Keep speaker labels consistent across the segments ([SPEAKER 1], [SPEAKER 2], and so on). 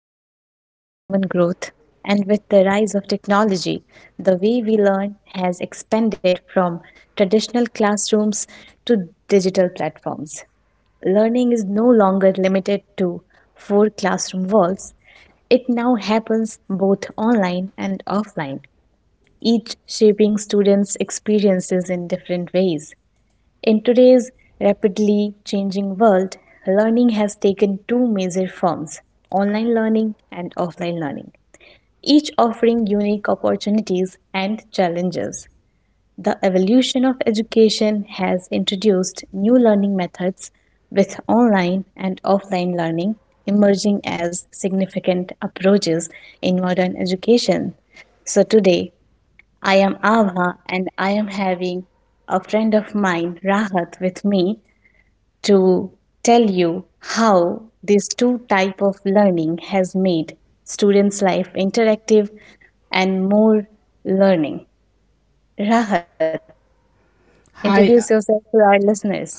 [SPEAKER 1] foundation of human growth, and with the rise of technology, the way we learn has expanded from traditional classrooms to digital platforms. Learning is no longer limited to four classroom walls, it now happens both online and offline, each shaping students' experiences in different ways. In today's rapidly changing world, learning has taken two major forms online learning and offline learning, each offering unique opportunities and challenges. The evolution of education has introduced new learning methods with online and offline learning emerging as significant approaches in modern education. So today, I am Ava and I am having a friend of mine, Rahat, with me to tell you how these two type of learning has made students life interactive and more learning. Rahat,
[SPEAKER 2] Hi,
[SPEAKER 1] introduce yourself to our listeners.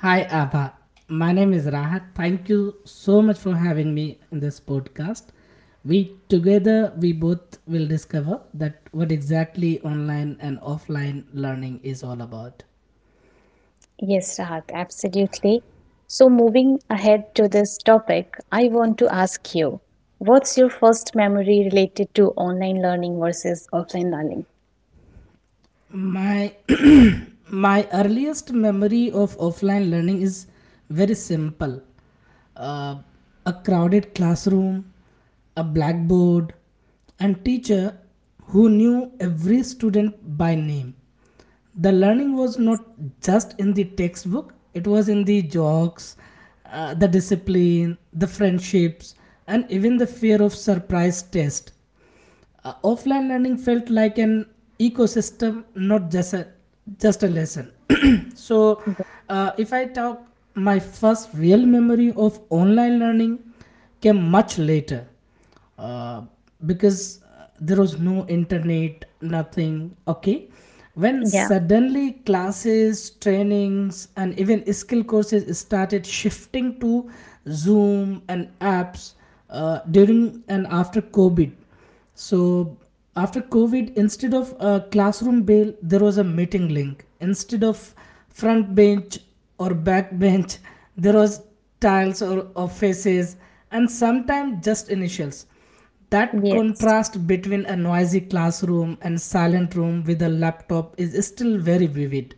[SPEAKER 2] hi, Abha. My name is Rahat. Thank you so much for having me in this podcast. We both will discover that what exactly online and offline learning is all about.
[SPEAKER 1] Yes, Rahat, absolutely. So, moving ahead to this topic, I want to ask you what's your first memory related to online learning versus offline learning?
[SPEAKER 2] My my earliest memory of offline learning is very simple, uh, a crowded classroom, a blackboard, and teacher who knew every student by name. The learning was not just in the textbook, it was in the jokes, the discipline, the friendships, and even the fear of surprise test. Offline learning felt like an ecosystem, not just a just a lesson. so, if I talk, my first real memory of online learning came much later, uh, because there was no internet, nothing. Okay, when
[SPEAKER 1] Yeah,
[SPEAKER 2] suddenly classes, trainings, and even skill courses started shifting to Zoom and apps during and after COVID. So after COVID, instead of a classroom bell, there was a meeting link. Instead of front bench or back bench, there was tiles or faces, and sometimes just initials. That
[SPEAKER 1] yes,
[SPEAKER 2] contrast between a noisy classroom and silent room with a laptop is still very vivid.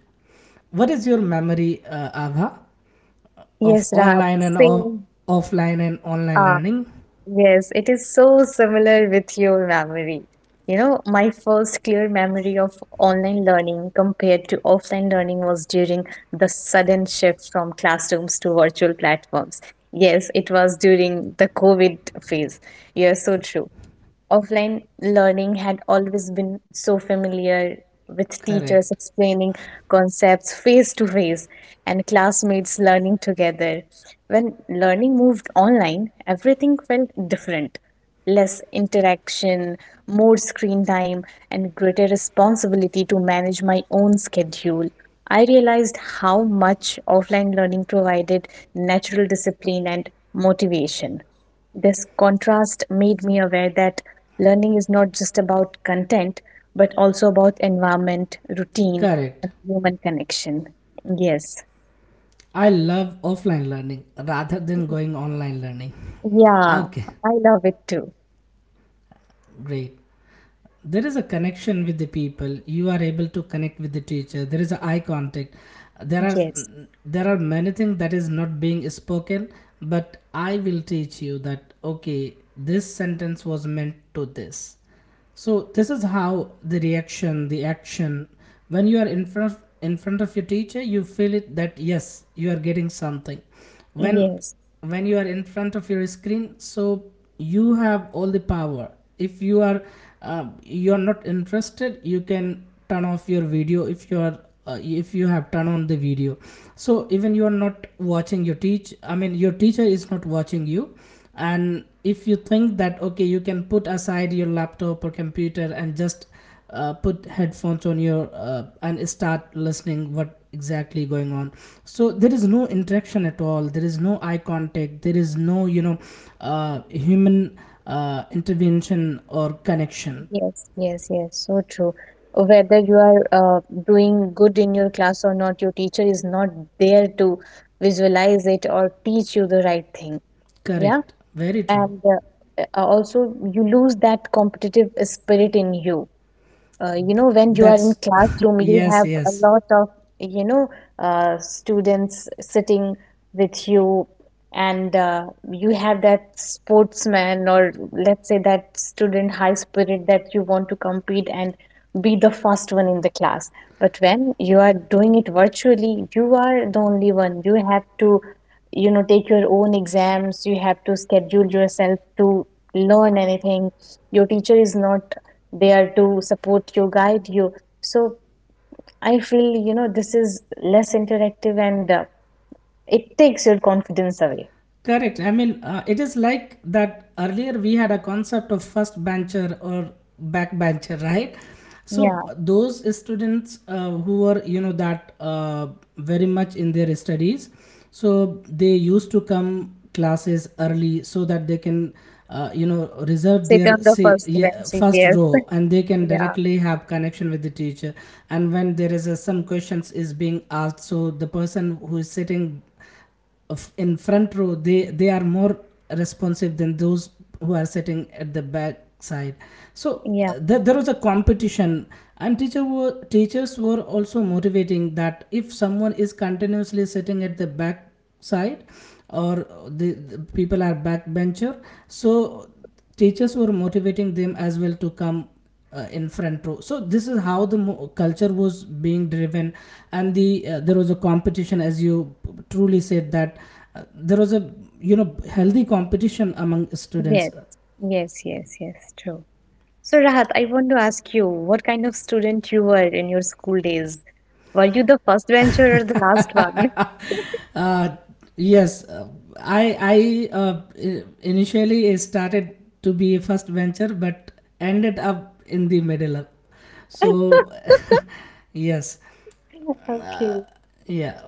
[SPEAKER 2] What is your memory, Ava, of
[SPEAKER 1] yes, Rahat,
[SPEAKER 2] online and off-
[SPEAKER 1] same.
[SPEAKER 2] offline and online
[SPEAKER 1] Uh,
[SPEAKER 2] learning?
[SPEAKER 1] Yes, it is so similar with your memory. You know, my first clear memory of online learning compared to offline learning was during the sudden shift from classrooms to virtual platforms. Yes, it was during the COVID phase. You're so true. Offline learning had always been so familiar with
[SPEAKER 2] Correct.
[SPEAKER 1] teachers explaining concepts face to face and classmates learning together. When learning moved online, everything felt different. Less interaction, more screen time, and greater responsibility to manage my own schedule. I realized how much offline learning provided natural discipline and motivation. This contrast made me aware that learning is not just about content, but also about environment, routine,
[SPEAKER 2] Correct.
[SPEAKER 1] and human connection. Yes.
[SPEAKER 2] I love offline learning rather than going online learning.
[SPEAKER 1] Yeah,
[SPEAKER 2] Okay,
[SPEAKER 1] I love it too.
[SPEAKER 2] great. There is a connection with the people. You are able to connect with the teacher. There is a eye contact. There are
[SPEAKER 1] Yes,
[SPEAKER 2] there are many things that is not being spoken, but I will teach you that okay, this sentence was meant to this. So this is how the reaction, the action, when you are in front of your teacher, you feel it that yes, you are getting something. When
[SPEAKER 1] yes,
[SPEAKER 2] when you are in front of your screen, so you have all the power. If you are you are not interested, you can turn off your video. If you are if you have turned on the video, so even you are not watching your teacher is not watching you. And if you think that okay, you can put aside your laptop or computer and just put headphones on your and start listening what exactly going on. So there is no interaction at all, there is no eye contact, there is no, you know, human intervention or connection.
[SPEAKER 1] yes, yes, yes. So true. Whether you are doing good in your class or not, your teacher is not there to visualize it or teach you the right thing. Yeah.
[SPEAKER 2] Correct, very true.
[SPEAKER 1] And also, you lose that competitive spirit in you, you know when you are in
[SPEAKER 2] That's
[SPEAKER 1] classroom you
[SPEAKER 2] yes,
[SPEAKER 1] have a
[SPEAKER 2] yes.
[SPEAKER 1] lot of you know students sitting with you, and you have that sportsman, or let's say that student high spirit, that you want to compete and be the first one in the class. But when you are doing it virtually, you are the only one. You have to take your own exams, you have to schedule yourself to learn anything. Your teacher is not there to support you, guide you. So I feel this is less interactive, and it takes your confidence away.
[SPEAKER 2] Correct. I mean, it is like that earlier we had a concept of first bencher or back bencher, right? So
[SPEAKER 1] Yeah,
[SPEAKER 2] those students who were, you know, that very much in their studies, so they used to come classes early so that they can, you know, reserve
[SPEAKER 1] sit
[SPEAKER 2] their
[SPEAKER 1] on the
[SPEAKER 2] say,
[SPEAKER 1] first
[SPEAKER 2] yeah,
[SPEAKER 1] bench.
[SPEAKER 2] first
[SPEAKER 1] Yes.
[SPEAKER 2] row, and they can
[SPEAKER 1] Yeah.
[SPEAKER 2] directly have connection with the teacher. And when there is a some questions is being asked, so the person who is sitting in front row, they are more responsive than those who are sitting at the back side. So
[SPEAKER 1] Yeah.
[SPEAKER 2] there was a competition, and teachers were also motivating that if someone is continuously sitting at the back side, or the people are backbencher, so teachers were motivating them as well to come in front row. So this is how the culture was being driven, and the there was a competition, as you truly said that there was a, you know, healthy competition among students.
[SPEAKER 1] Yes. Yes, yes, yes, true. So, Rahat, I want to ask you what kind of student you were in your school days. Were you the first bencher or the last one?
[SPEAKER 2] uh, yes, i i uh, initially started to be a first venture but ended up in the middle, so yes,
[SPEAKER 1] Okay.
[SPEAKER 2] yeah.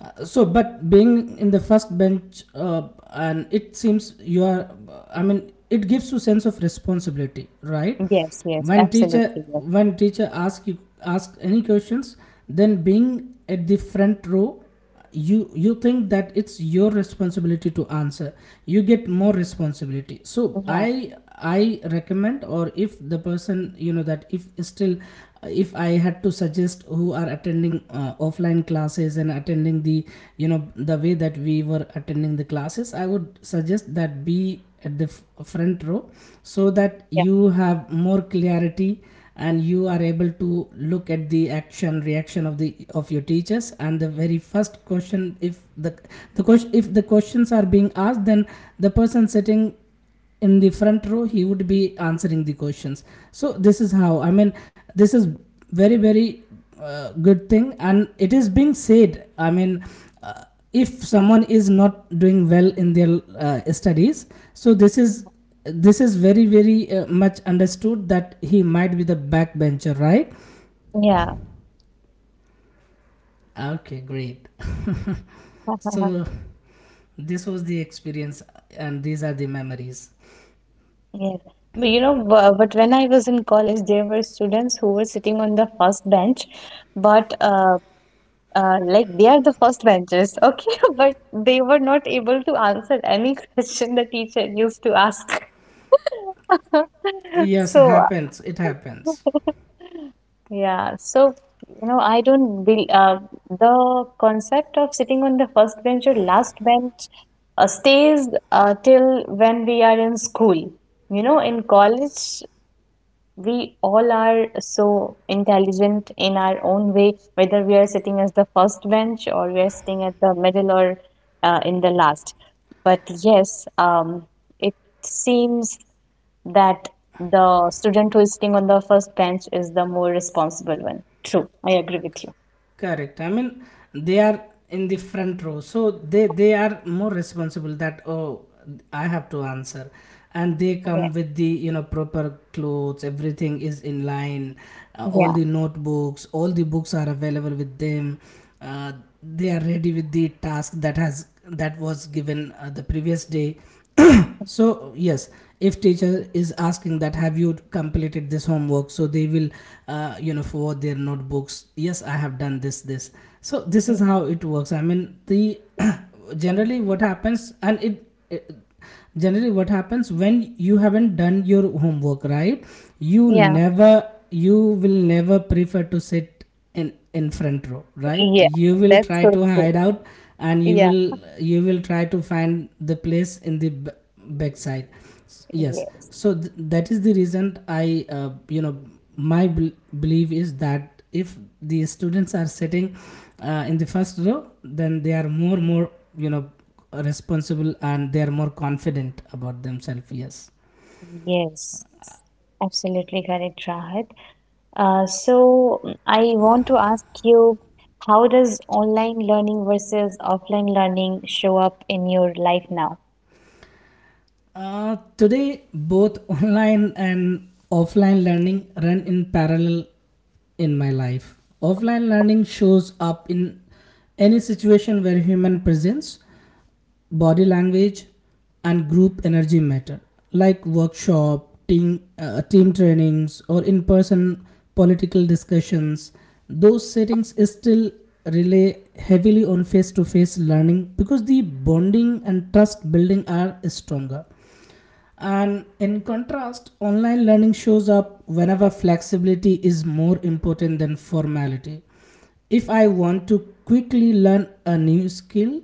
[SPEAKER 2] So but being in the first bench, and it seems you are, I mean, it gives you sense of responsibility, right?
[SPEAKER 1] Yes. Yes.
[SPEAKER 2] when teacher
[SPEAKER 1] Absolutely. Yes.
[SPEAKER 2] when teacher ask you, ask any questions, then being at the front row, you think that it's your responsibility to answer. You get more responsibility, so
[SPEAKER 1] Yeah.
[SPEAKER 2] I recommend, or if the person, you know, that if still, if I had to suggest who are attending offline classes and attending the, you know, the way that we were attending the classes, I would suggest that be at the front row, so that you have more clarity, and you are able to look at the action reaction of the of your teachers. And the very first question, if the questions are being asked, then the person sitting in the front row, he would be answering the questions. So this is how, I mean, this is very very good thing. And it is being said, I mean, uh, if someone is not doing well in their studies, so this
[SPEAKER 1] Yeah.
[SPEAKER 2] is this is very very much understood that he might be the backbencher, right?
[SPEAKER 1] Yeah.
[SPEAKER 2] Okay, great. So this was the experience, and these are the memories.
[SPEAKER 1] Yes. But you know, bu- but when I was in college, there were students who were sitting on the first bench, but like they are the first benches, okay? But they were not able to answer any question the teacher used to ask.
[SPEAKER 2] Yes,
[SPEAKER 1] So
[SPEAKER 2] happens, it happens.
[SPEAKER 1] yeah, so I don't bel the concept of sitting on the first bench or last bench stays till when we are in school. In college, we all are so intelligent in our own way, whether we are sitting as the first bench or we are sitting at the middle or in the last. But yes, it seems that the student who is sitting on the first bench is the more responsible one. True, I agree with you.
[SPEAKER 2] Correct. I mean, they are in the front row, so they are more responsible. That oh, I have to answer, and they
[SPEAKER 1] Yeah,
[SPEAKER 2] come with the, you know, proper clothes. Everything is in line. All
[SPEAKER 1] yeah,
[SPEAKER 2] the notebooks, all the books are available with them, uh, they are ready with the task that has that was given the previous day. So yes, if teacher is asking that have you completed this homework, so they will, you know, forward their notebooks, yes I have done this this. So this is how it works, I mean, the generally what happens, and it generally what happens when you haven't done your homework, right? you
[SPEAKER 1] yeah,
[SPEAKER 2] never you will never prefer to sit it in front row, right?
[SPEAKER 1] yeah.
[SPEAKER 2] You will
[SPEAKER 1] That's
[SPEAKER 2] try
[SPEAKER 1] so
[SPEAKER 2] to
[SPEAKER 1] true.
[SPEAKER 2] hide out, and you
[SPEAKER 1] Yeah,
[SPEAKER 2] will you will try to find the place in the backside. Yes.
[SPEAKER 1] yes,
[SPEAKER 2] So that is the reason I, you know, my belief is that if the students are sitting in the first row, then they are more more, you know, responsible, and they are more confident about themselves, yes.
[SPEAKER 1] yes, absolutely correct, Rahad. So I want to ask you, how does online learning versus offline learning show up in your life now?
[SPEAKER 2] Today, both online and offline learning run in parallel in my life. Offline learning shows up in any situation where human presence, body language, and group energy matter, like workshop, team, team trainings, or in person political discussions. Those settings still rely heavily on face to face learning, because the bonding and trust building are stronger. And in contrast, online learning shows up whenever flexibility is more important than formality. If I want to quickly learn a new skill,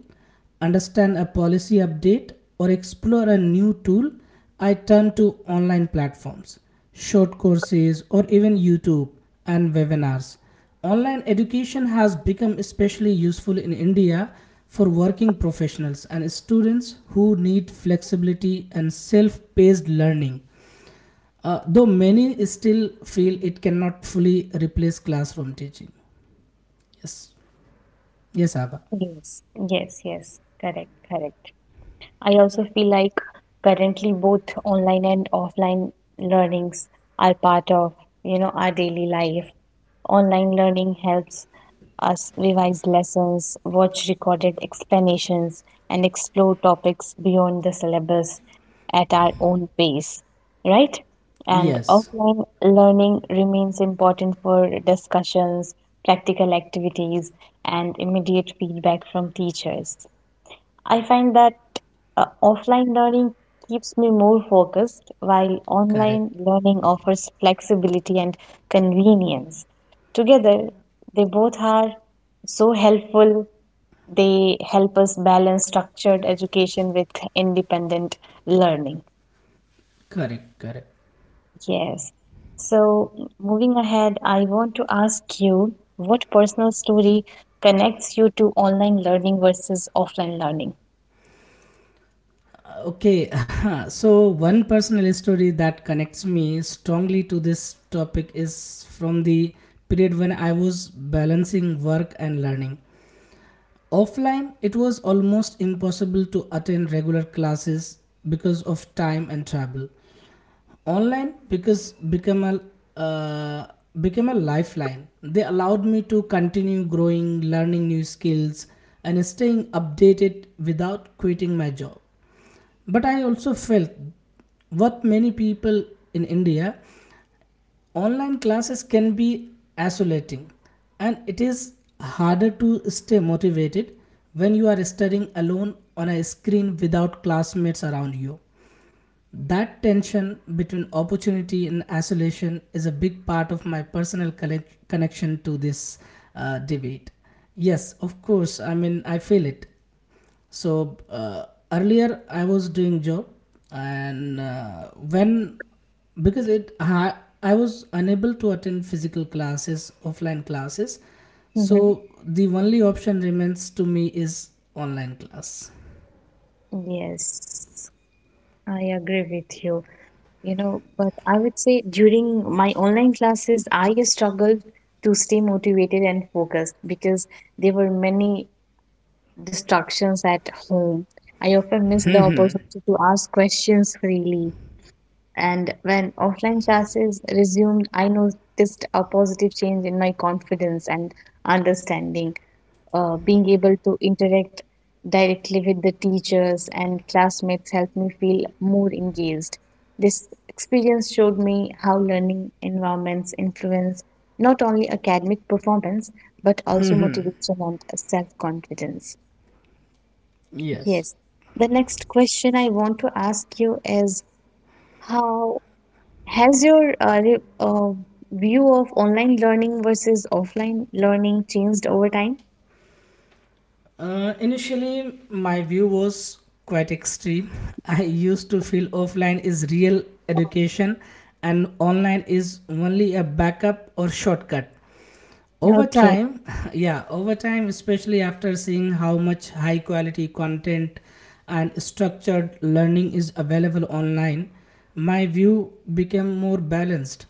[SPEAKER 2] understand a policy update, or explore a new tool, I turn to online platforms, short courses, or even YouTube and webinars. Online education has become especially useful in India for working professionals and students who need flexibility and self paced learning, though many still feel it cannot fully replace classroom teaching. Yes. Yes, Abba.
[SPEAKER 1] Yes. Yes, yes, correct, correct. I also feel like currently both online and offline learnings are part of, our daily life. Online learning helps us revise lessons, watch recorded explanations, and explore topics beyond the syllabus at our own pace, right? And
[SPEAKER 2] Yes,
[SPEAKER 1] offline learning remains important for discussions, practical activities, and immediate feedback from teachers. I find that offline learning keeps me more focused, while online
[SPEAKER 2] correct.
[SPEAKER 1] learning offers flexibility and convenience. Together, they both are so helpful. They help us balance structured education with independent learning.
[SPEAKER 2] Correct, correct.
[SPEAKER 1] Yes. So, moving ahead, I want to ask you what personal story connects you to online learning versus offline learning?
[SPEAKER 2] Okay, so one personal story that connects me strongly to this topic is from the period when I was balancing work and learning. Offline, it was almost impossible to attend regular classes because of time and travel. Online because become a uh, became a lifeline. They allowed me to continue growing, learning new skills, and staying updated without quitting my job. But I also felt what many people in India, online classes can be isolating, and it is harder to stay motivated when you are studying alone on a screen without classmates around you. That tension between opportunity and isolation is a big part of my personal connection to this debate. Yes, of course, I mean, I feel it. So earlier I was doing job, and when because it I was unable to attend physical classes, offline classes,
[SPEAKER 1] Hmm.
[SPEAKER 2] so the only option remains to me is online class.
[SPEAKER 1] Yes. I agree with you. But I would say during my online classes, I struggled to stay motivated and focused because there were many distractions at home. I often missed the opportunity to ask questions freely. And when offline classes resumed, I noticed a positive change in my confidence and understanding. Being able to interact directly with the teachers and classmates helped me feel more engaged. This experience showed me how learning environments influence not only academic performance but also motivation and self confidence.
[SPEAKER 2] Yes.
[SPEAKER 1] Yes. The next question I want to ask you is how has your view of online learning versus offline learning changed over time?
[SPEAKER 2] Initially, my view was quite extreme. I used to feel offline is real education and online is only a backup or shortcut. Over
[SPEAKER 1] Okay.
[SPEAKER 2] time, yeah, over time, especially after seeing how much high quality content and structured learning is available online, my view became more balanced.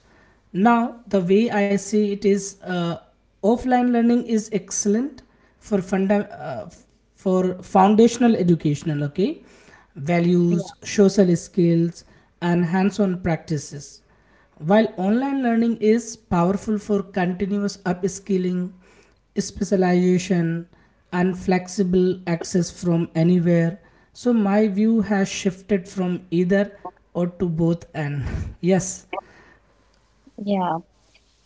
[SPEAKER 2] Now the way I see it is, offline learning is excellent for for foundational educational, okay,
[SPEAKER 1] Yeah.
[SPEAKER 2] values, social skills, and hands on practices, while online learning is powerful for continuous upskilling, specialization, and flexible access from anywhere. So my view has shifted from either or to both and. Yes.
[SPEAKER 1] Yeah.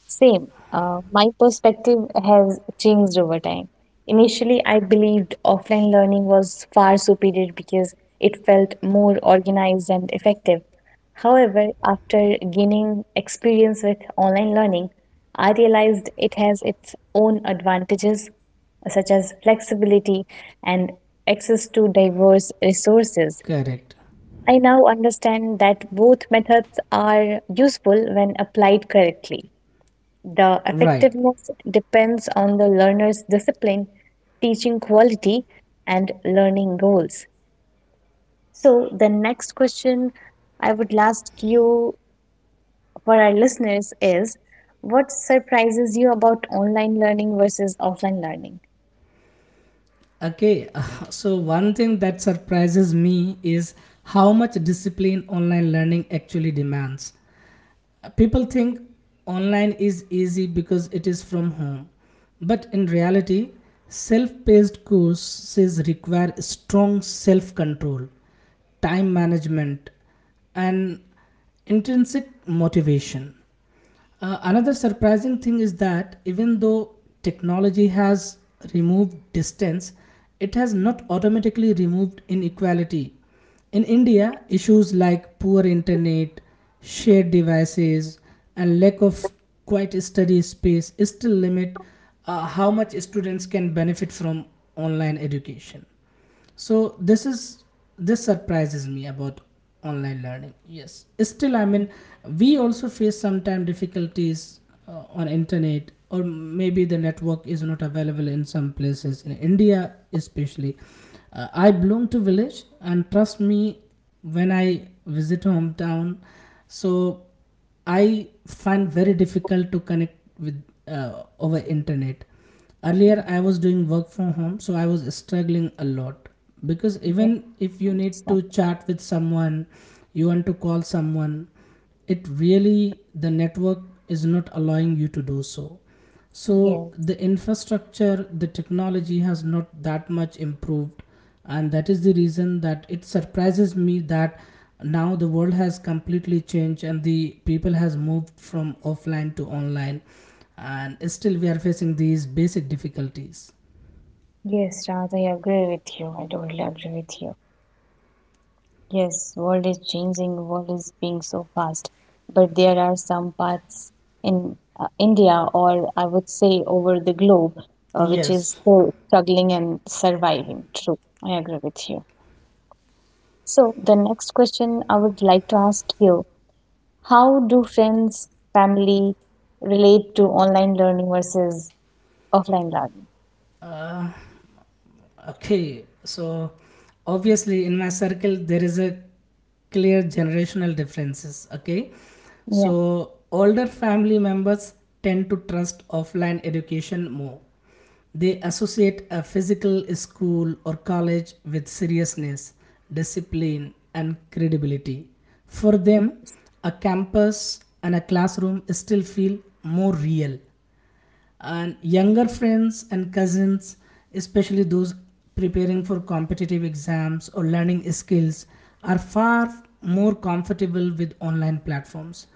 [SPEAKER 1] Same. My perspective has changed over time. Initially, I believed offline learning was far superior because it felt more organized and effective. However, after gaining experience with online learning, I realized it has its own advantages, such as flexibility and access to diverse resources.
[SPEAKER 2] Correct.
[SPEAKER 1] I now understand that both methods are useful when applied correctly. The
[SPEAKER 2] Right.
[SPEAKER 1] effectiveness depends on the learner's discipline, teaching quality, and learning goals. So, the next question I would ask you for our listeners is what surprises you about online learning versus offline learning?
[SPEAKER 2] Okay. So, one thing that surprises me is how much discipline online learning actually demands. People think online is easy because it is from home, but in reality, self paced courses require strong self control, time management, and intrinsic motivation. Another surprising thing is that even though technology has removed distance, it has not automatically removed inequality. In India, issues like poor internet, shared devices, and lack of quiet study space still limit how much students can benefit from online education. So this surprises me about online learning. Yes, still, I mean, we also face sometimes difficulties on internet, or maybe the network is not available in some places in India, especially I belong to village, and trust me, when I visit hometown, so I find very difficult to connect with over internet. Earlier,
[SPEAKER 1] Mm.
[SPEAKER 2] I was doing work from home, so I was struggling a lot, because
[SPEAKER 1] Yeah,
[SPEAKER 2] even if
[SPEAKER 1] I
[SPEAKER 2] you need
[SPEAKER 1] understand.
[SPEAKER 2] to chat with someone, you want to call someone, it really the network is not allowing you to do so. So
[SPEAKER 1] Yeah,
[SPEAKER 2] the infrastructure, the technology has not that much improved, and that is the reason that it surprises me that now the world has completely changed and the people has moved from offline to online, and still we are facing these basic difficulties.
[SPEAKER 1] yes, Raja, I agree with you. I totally agree with you. Yes, world is changing, world is being so fast. But there are some parts in India, or I would say over the globe, which is
[SPEAKER 2] Yes.
[SPEAKER 1] still struggling and surviving. True, I agree with you. So the next question I would like to ask you, how do friends, family relate to online learning versus offline learning?
[SPEAKER 2] Uh, Okay, so obviously in my circle there is a clear generational differences. Okay,
[SPEAKER 1] Yeah,
[SPEAKER 2] so older family members tend to trust offline education more. They associate a physical school or college with seriousness, discipline, and credibility. For them, a campus and a classroom still feel more real, and younger friends and cousins, especially those preparing for competitive exams or learning skills, are far more comfortable with online platforms.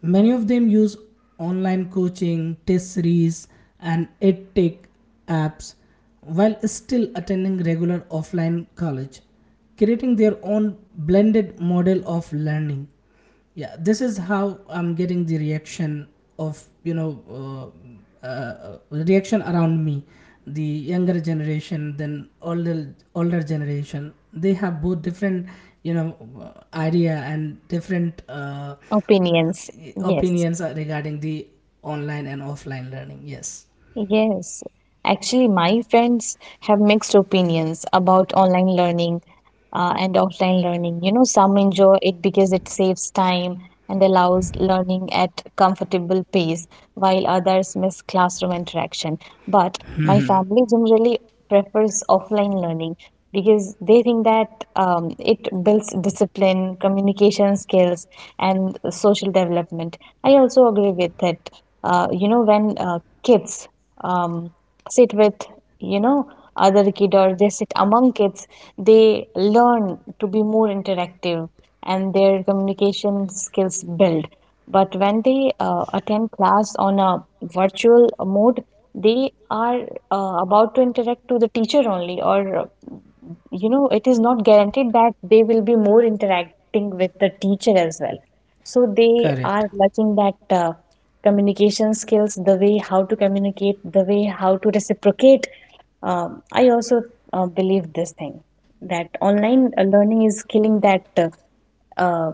[SPEAKER 2] Many of them use online coaching, test series, and edtech apps while still attending regular offline college, creating their own blended model of learning. Yeah, this is how I'm getting the reaction of uh, reaction around me. The younger generation than older older generation, they have both different, you know idea and different
[SPEAKER 1] opinions. Yes.
[SPEAKER 2] opinions regarding the online and offline learning. Yes.
[SPEAKER 1] Yes, actually, my friends have mixed opinions about online learning and offline learning. Some enjoy it because it saves time and allows learning at comfortable pace, while others miss classroom interaction. But my family generally prefers offline learning because they think that it builds discipline, communication skills, and social development. I also agree with it. When kids um, sit with you know other kid, or they sit among kids, they learn to be more interactive, and their communication skills build. But when they attend class on a virtual mode, they are about to interact to the teacher only, or it is not guaranteed that they will be more interacting with the teacher as well. So they
[SPEAKER 2] Correct,
[SPEAKER 1] are lacking that communication skills, the way how to communicate, the way how to reciprocate. I also believe this thing that online learning is killing that uh,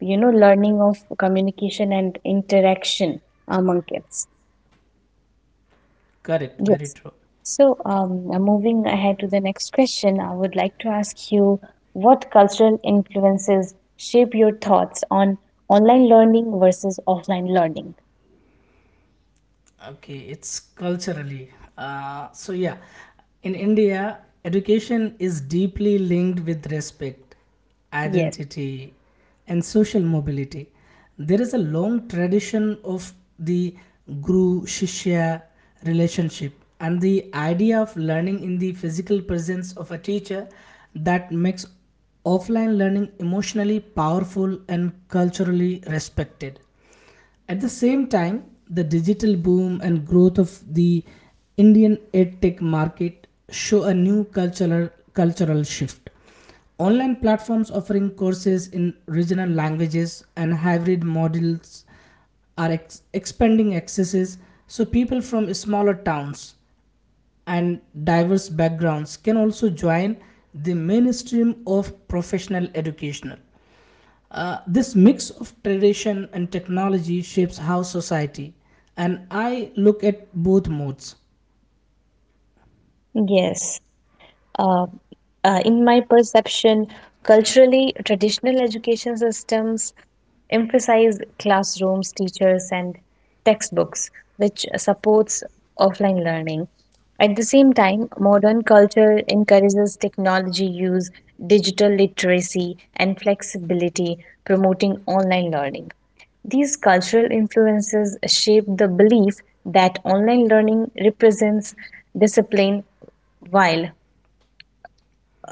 [SPEAKER 1] learning of communication and interaction among kids.
[SPEAKER 2] correct, very
[SPEAKER 1] Yes.
[SPEAKER 2] true.
[SPEAKER 1] So, moving ahead to the next question, I would like to ask you what cultural influences shape your thoughts on online learning versus offline learning.
[SPEAKER 2] Okay, it's culturally, so yeah, in India, education is deeply linked with respect,
[SPEAKER 1] Yes,
[SPEAKER 2] identity, and social mobility. There is a long tradition of the guru shishya relationship and the idea of learning in the physical presence of a teacher. That makes offline learning emotionally powerful and culturally respected. At the same time, the digital boom and growth of the Indian edtech market show a new cultural shift. Online platforms offering courses in regional languages and hybrid models are expanding accesses, so people from smaller towns and diverse backgrounds can also join the mainstream of professional educational. This mix of tradition and technology shapes how society, and I, look at both modes.
[SPEAKER 1] yes. Uh, uh, in my perception, culturally, traditional education systems emphasize classrooms, teachers, and textbooks, which supports offline learning. At the same time, modern culture encourages technology use, digital literacy, and flexibility, promoting online learning. These cultural influences shape the belief that online learning represents discipline, while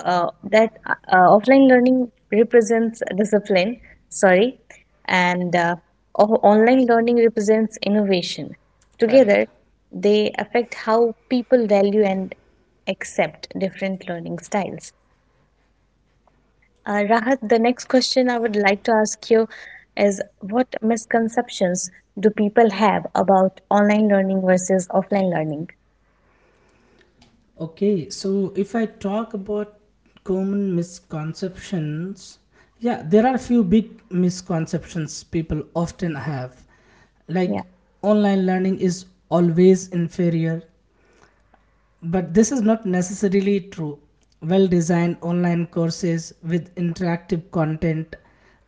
[SPEAKER 1] that offline learning represents discipline, sorry, and online learning represents innovation.
[SPEAKER 2] Correct.
[SPEAKER 1] Together, they affect how people value and accept different learning styles. Rahat, the next question I would like to ask you is what misconceptions do people have about online learning versus offline learning?
[SPEAKER 2] Okay, so if I talk about common misconceptions, yeah, there are a few big misconceptions people often have.
[SPEAKER 1] Yeah.
[SPEAKER 2] Like, online learning is always inferior, but this is not necessarily true. Well designed online courses with interactive content,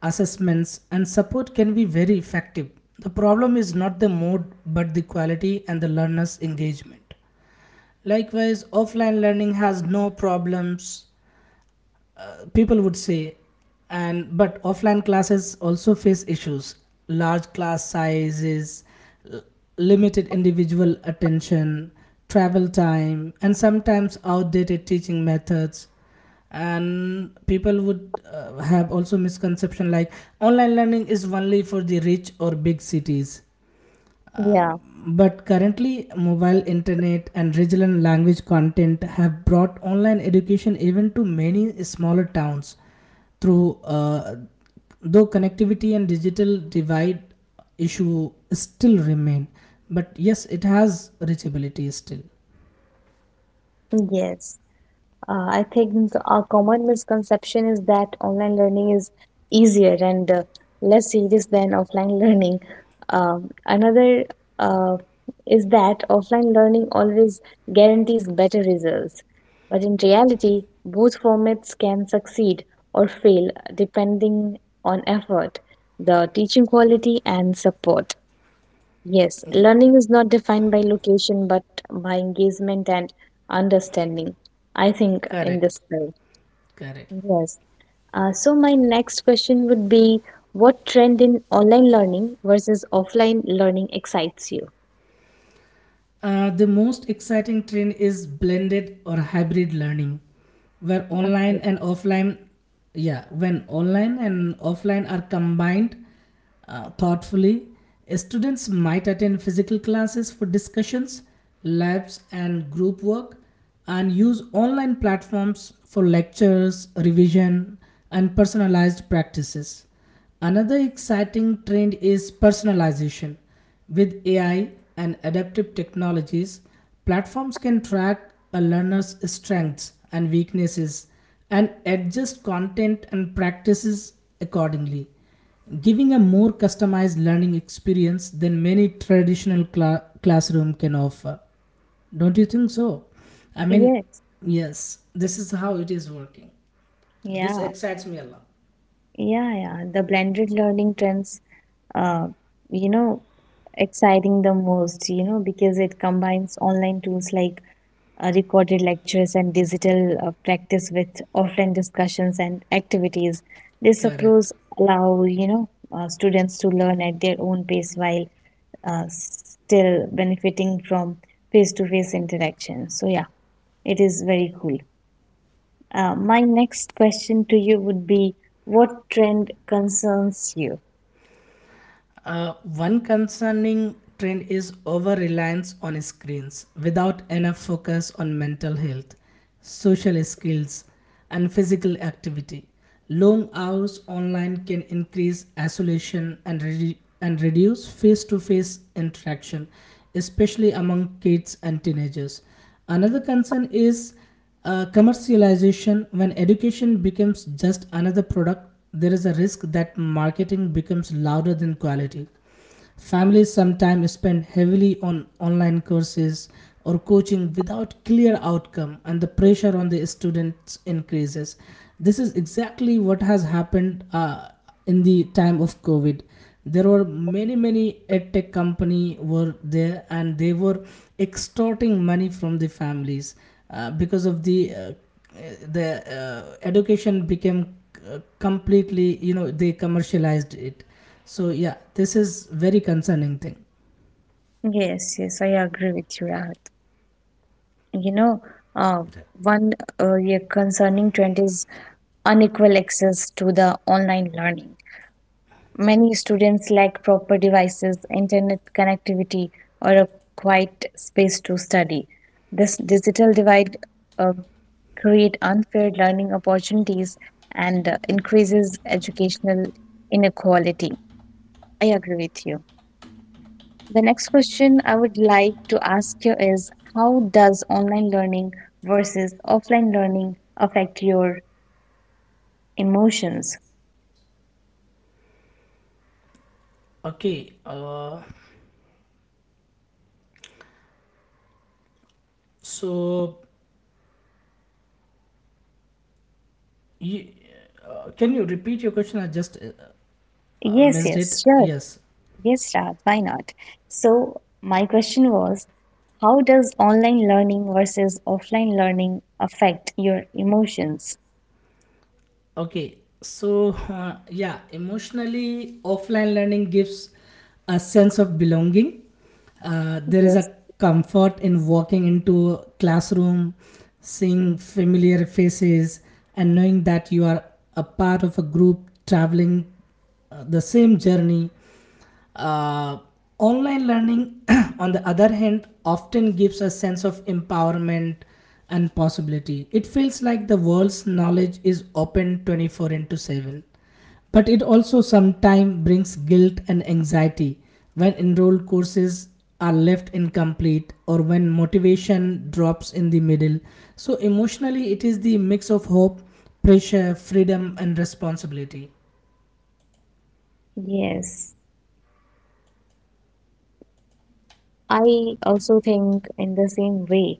[SPEAKER 2] assessments, and support can be very effective. The problem is not the mode but the quality and the learner's engagement. Likewise, offline learning has no problems, people would say, and but offline classes also face issues: large class sizes, l- limited individual attention, travel time, and sometimes outdated teaching methods. And people would have also misconception like online learning is only for the rich or big cities. um,
[SPEAKER 1] Yeah.
[SPEAKER 2] But currently, mobile internet and regional language content have brought online education even to many smaller towns. Through Though connectivity and digital divide issue still remain, but yes, it has reachability still.
[SPEAKER 1] Yes. I think a common misconception is that online learning is easier and less serious than offline learning. Another uh, is that offline learning always guarantees better results. But in reality, both formats can succeed or fail depending on effort, the teaching quality, and support. Yes, learning is not defined by location but by engagement and understanding. I think in
[SPEAKER 2] Correct,
[SPEAKER 1] this way.
[SPEAKER 2] correct.
[SPEAKER 1] Yes. So my next question would be, what trend in online learning versus offline learning excites you?
[SPEAKER 2] The most exciting trend is blended or hybrid learning, where online
[SPEAKER 1] Okay.
[SPEAKER 2] and offline, yeah, when online and offline are combined thoughtfully, students might attend physical classes for discussions, labs, and group work, and use online platforms for lectures, revision, and personalized practices. Another exciting trend is personalization. With AI and adaptive technologies, platforms can track a learner's strengths and weaknesses and adjust content and practices accordingly, giving a more customized learning experience than many traditional classroom can offer. Don't you think so? I mean,
[SPEAKER 1] Yes.
[SPEAKER 2] yes, this is how it is working. This
[SPEAKER 1] Yeah.
[SPEAKER 2] excites me a lot.
[SPEAKER 1] Yeah, yeah. The blended learning trends uh you know exciting the most, because it combines online tools like recorded lectures and digital practice with offline discussions and activities. This approach
[SPEAKER 2] Correct.
[SPEAKER 1] allow students to learn at their own pace while still benefiting from face-to-face interaction. So yeah, it is very cool. My next question to you would be, what trend concerns you?
[SPEAKER 2] One concerning trend is over reliance on screens without enough focus on mental health, social skills, and physical activity. Long hours online can increase isolation and reduce face to face interaction, especially among kids and teenagers. Another concern is commercialization. When education becomes just another product, there is a risk that marketing becomes louder than quality. Families sometimes spend heavily on online courses or coaching without clear outcome, and the pressure on the students increases. This is exactly what has happened in the time of covid. There were many edtech company were there, and they were extorting money from the families because of the uh, education became completely, they commercialized it. So yeah, this is very concerning thing.
[SPEAKER 1] Yes, yes, I agree with you, Rahul. You know, uh, one yeah, concerning trend is unequal access to the online learning. Many students lack proper devices, internet connectivity, or a quiet space to study. This digital divide uh, create unfair learning opportunities and increases educational inequality. I agree with you. The next question I would like to ask you is, how does online learning versus offline learning affect your emotions?
[SPEAKER 2] Okay, so you, can you repeat your question? I just
[SPEAKER 1] Yes,
[SPEAKER 2] missed it.
[SPEAKER 1] yes, sure.
[SPEAKER 2] Yes.
[SPEAKER 1] Yes, Raj, why not? So, my question was, how does online learning versus offline learning affect your emotions?
[SPEAKER 2] Okay, so yeah, emotionally, offline learning gives a sense of belonging. There is
[SPEAKER 1] Yes.
[SPEAKER 2] a comfort in walking into a classroom, seeing familiar faces, and knowing that you are a part of a group traveling the same journey. Uh, Online learning, on the other hand, often gives a sense of empowerment and possibility. It feels like the world's knowledge is open 24 into 7. But it also sometimes brings guilt and anxiety when enrolled courses are left incomplete or when motivation drops in the middle. So, emotionally, it is the mix of hope, pressure, freedom, and responsibility.
[SPEAKER 1] Yes. I also think in the same way.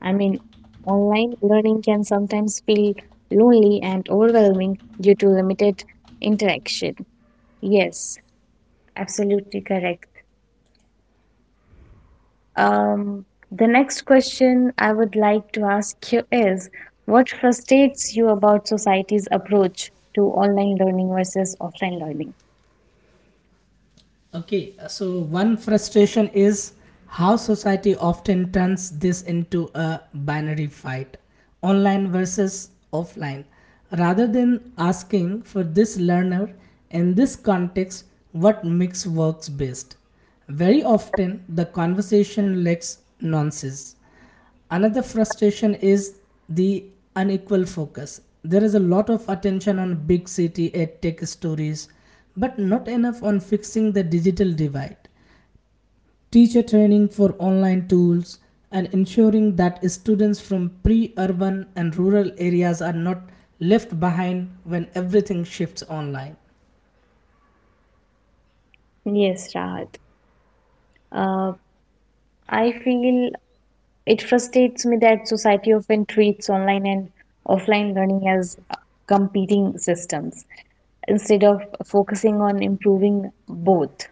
[SPEAKER 1] I mean, online learning can sometimes feel lonely and overwhelming due to limited interaction. Yes, absolutely correct. Um, the next question I would like to ask you is what frustrates you about society's approach to online learning versus offline learning?
[SPEAKER 2] Okay, so one frustration is how society often turns this into a binary fight, online versus offline, rather than asking, for this learner in this context, what mix works best. Very often, the conversation lacks nuances. Another frustration is the unequal focus. There is a lot of attention on big city edtech stories, but not enough on fixing the digital divide, teacher training for online tools, and ensuring that students from pre urban and rural areas are not left behind when everything shifts online.
[SPEAKER 1] Yes, Rahat. Uh, I feel it frustrates me that society often treats online and offline learning as competing systems, instead of focusing on improving both,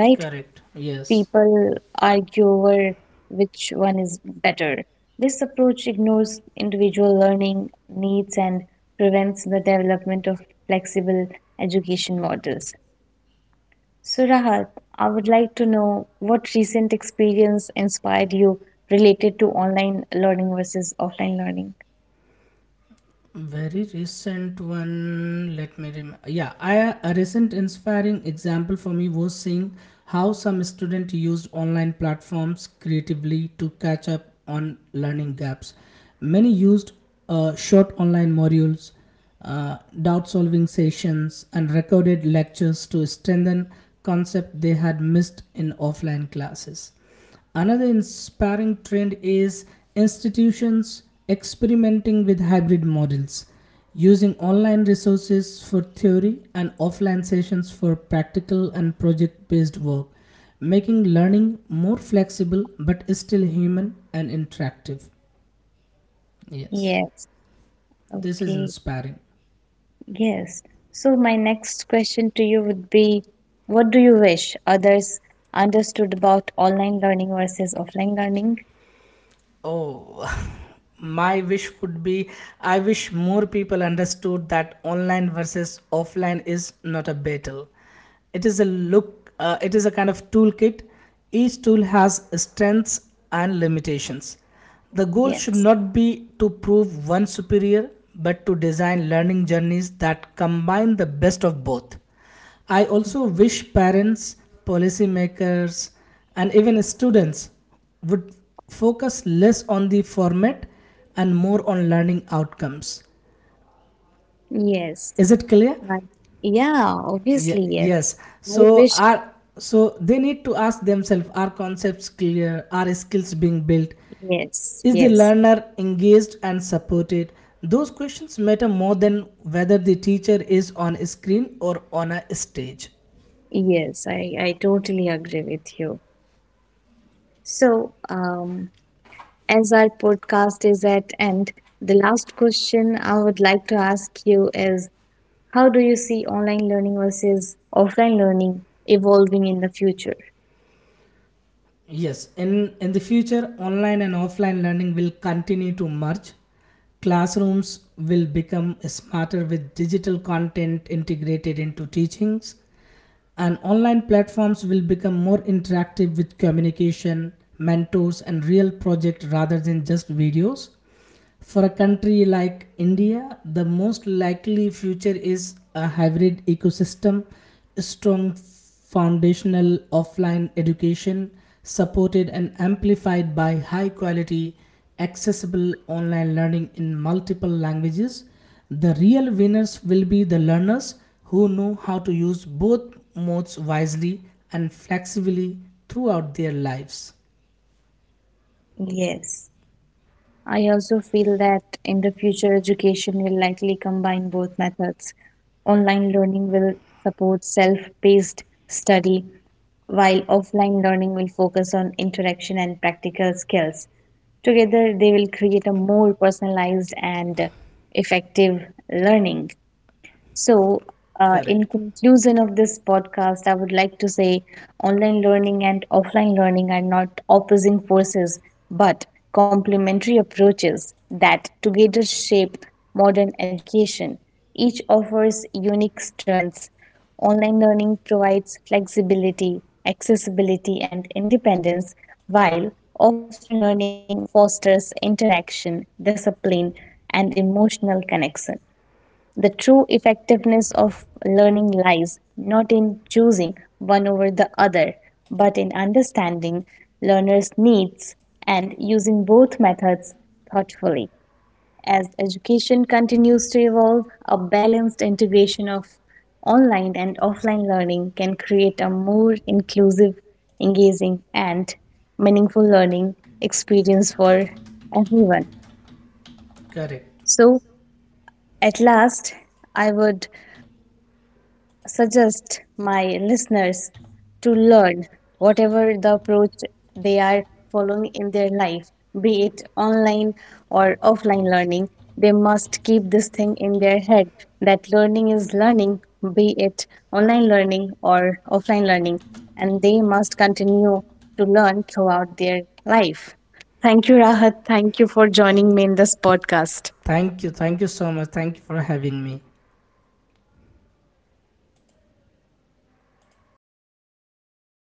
[SPEAKER 1] right?
[SPEAKER 2] Correct, yes.
[SPEAKER 1] People argue over which one is better. This approach ignores individual learning needs and prevents the development of flexible education models. So, Rahat, I would like to know what recent experience inspired you related to online learning versus offline learning?
[SPEAKER 2] Very recent one. Let me remember. Yeah, a recent inspiring example for me was seeing how some student used online platforms creatively to catch up on learning gaps. Many used short online modules, doubt solving sessions, and recorded lectures to strengthen concept they had missed in offline classes. Another inspiring trend is institutions experimenting with hybrid models, using online resources for theory and offline sessions for practical and project based work, making learning more flexible but still human and interactive. Yes,
[SPEAKER 1] Yes,
[SPEAKER 2] this is
[SPEAKER 1] okay.
[SPEAKER 2] inspiring.
[SPEAKER 1] Yes. So my next question to you would be, what do you wish others understood about online learning versus offline learning?
[SPEAKER 2] Oh, my wish would be, I wish more people understood that online versus offline is not a battle. It is a kind of toolkit. Each tool has strengths and limitations. The goal should
[SPEAKER 1] Yes.
[SPEAKER 2] not be to prove one superior, but to design learning journeys that combine the best of both. I also wish parents, policymakers, and even students would focus less on the format and more on learning outcomes.
[SPEAKER 1] Yes.
[SPEAKER 2] Is it clear?
[SPEAKER 1] Right. Yeah,
[SPEAKER 2] Ye-
[SPEAKER 1] obviously, yes.
[SPEAKER 2] yes.
[SPEAKER 1] I
[SPEAKER 2] So
[SPEAKER 1] wish,
[SPEAKER 2] are so they need to ask themselves: Are concepts clear? Are skills being built?
[SPEAKER 1] yes,
[SPEAKER 2] Is the
[SPEAKER 1] yes,
[SPEAKER 2] learner engaged and supported? Those questions matter more than whether the teacher is on a screen or on a stage.
[SPEAKER 1] yes. I totally agree with you. So, as our podcast is at end, the last question I would like to ask you is, how do you see online learning versus offline learning evolving in the future?
[SPEAKER 2] Yes, in the future, online and offline learning will continue to merge. Classrooms will become smarter with digital content integrated into teachings, and online platforms will become more interactive with communication, mentors, and real project rather than just videos. For a country like India, the most likely future is a hybrid ecosystem: strong foundational offline education, supported and amplified by high quality, accessible online learning in multiple languages. The real winners will be the learners who know how to use both modes wisely and flexibly throughout their lives.
[SPEAKER 1] Yes, I also feel that in the future, education will likely combine both methods. Online learning will support self-paced study, while offline learning will focus on interaction and practical skills. Together, they will create a more personalized and effective learning. So, in
[SPEAKER 2] Correct.
[SPEAKER 1] conclusion of this podcast, I would like to say online learning and offline learning are not opposing forces but complementary approaches that together shape modern education. Each offers unique strengths. Online learning provides flexibility, accessibility, and independence, while offline learning fosters interaction, discipline, and emotional connection. The true effectiveness of learning lies not in choosing one over the other, but in understanding learners' needs and using both methods thoughtfully. As education continues to evolve, a balanced integration of online and offline learning can create a more inclusive, engaging, and meaningful learning experience for everyone.
[SPEAKER 2] Correct.
[SPEAKER 1] So, at last, I would suggest my listeners to learn whatever the approach they are following in their life, be it online or offline learning. They must keep this thing in their head that learning is learning, be it online learning or offline learning, and they must continue to learn throughout their life. Thank you, Rahat. Thank you for joining me in this podcast.
[SPEAKER 2] Thank you. Thank you so much. Thank you for having me.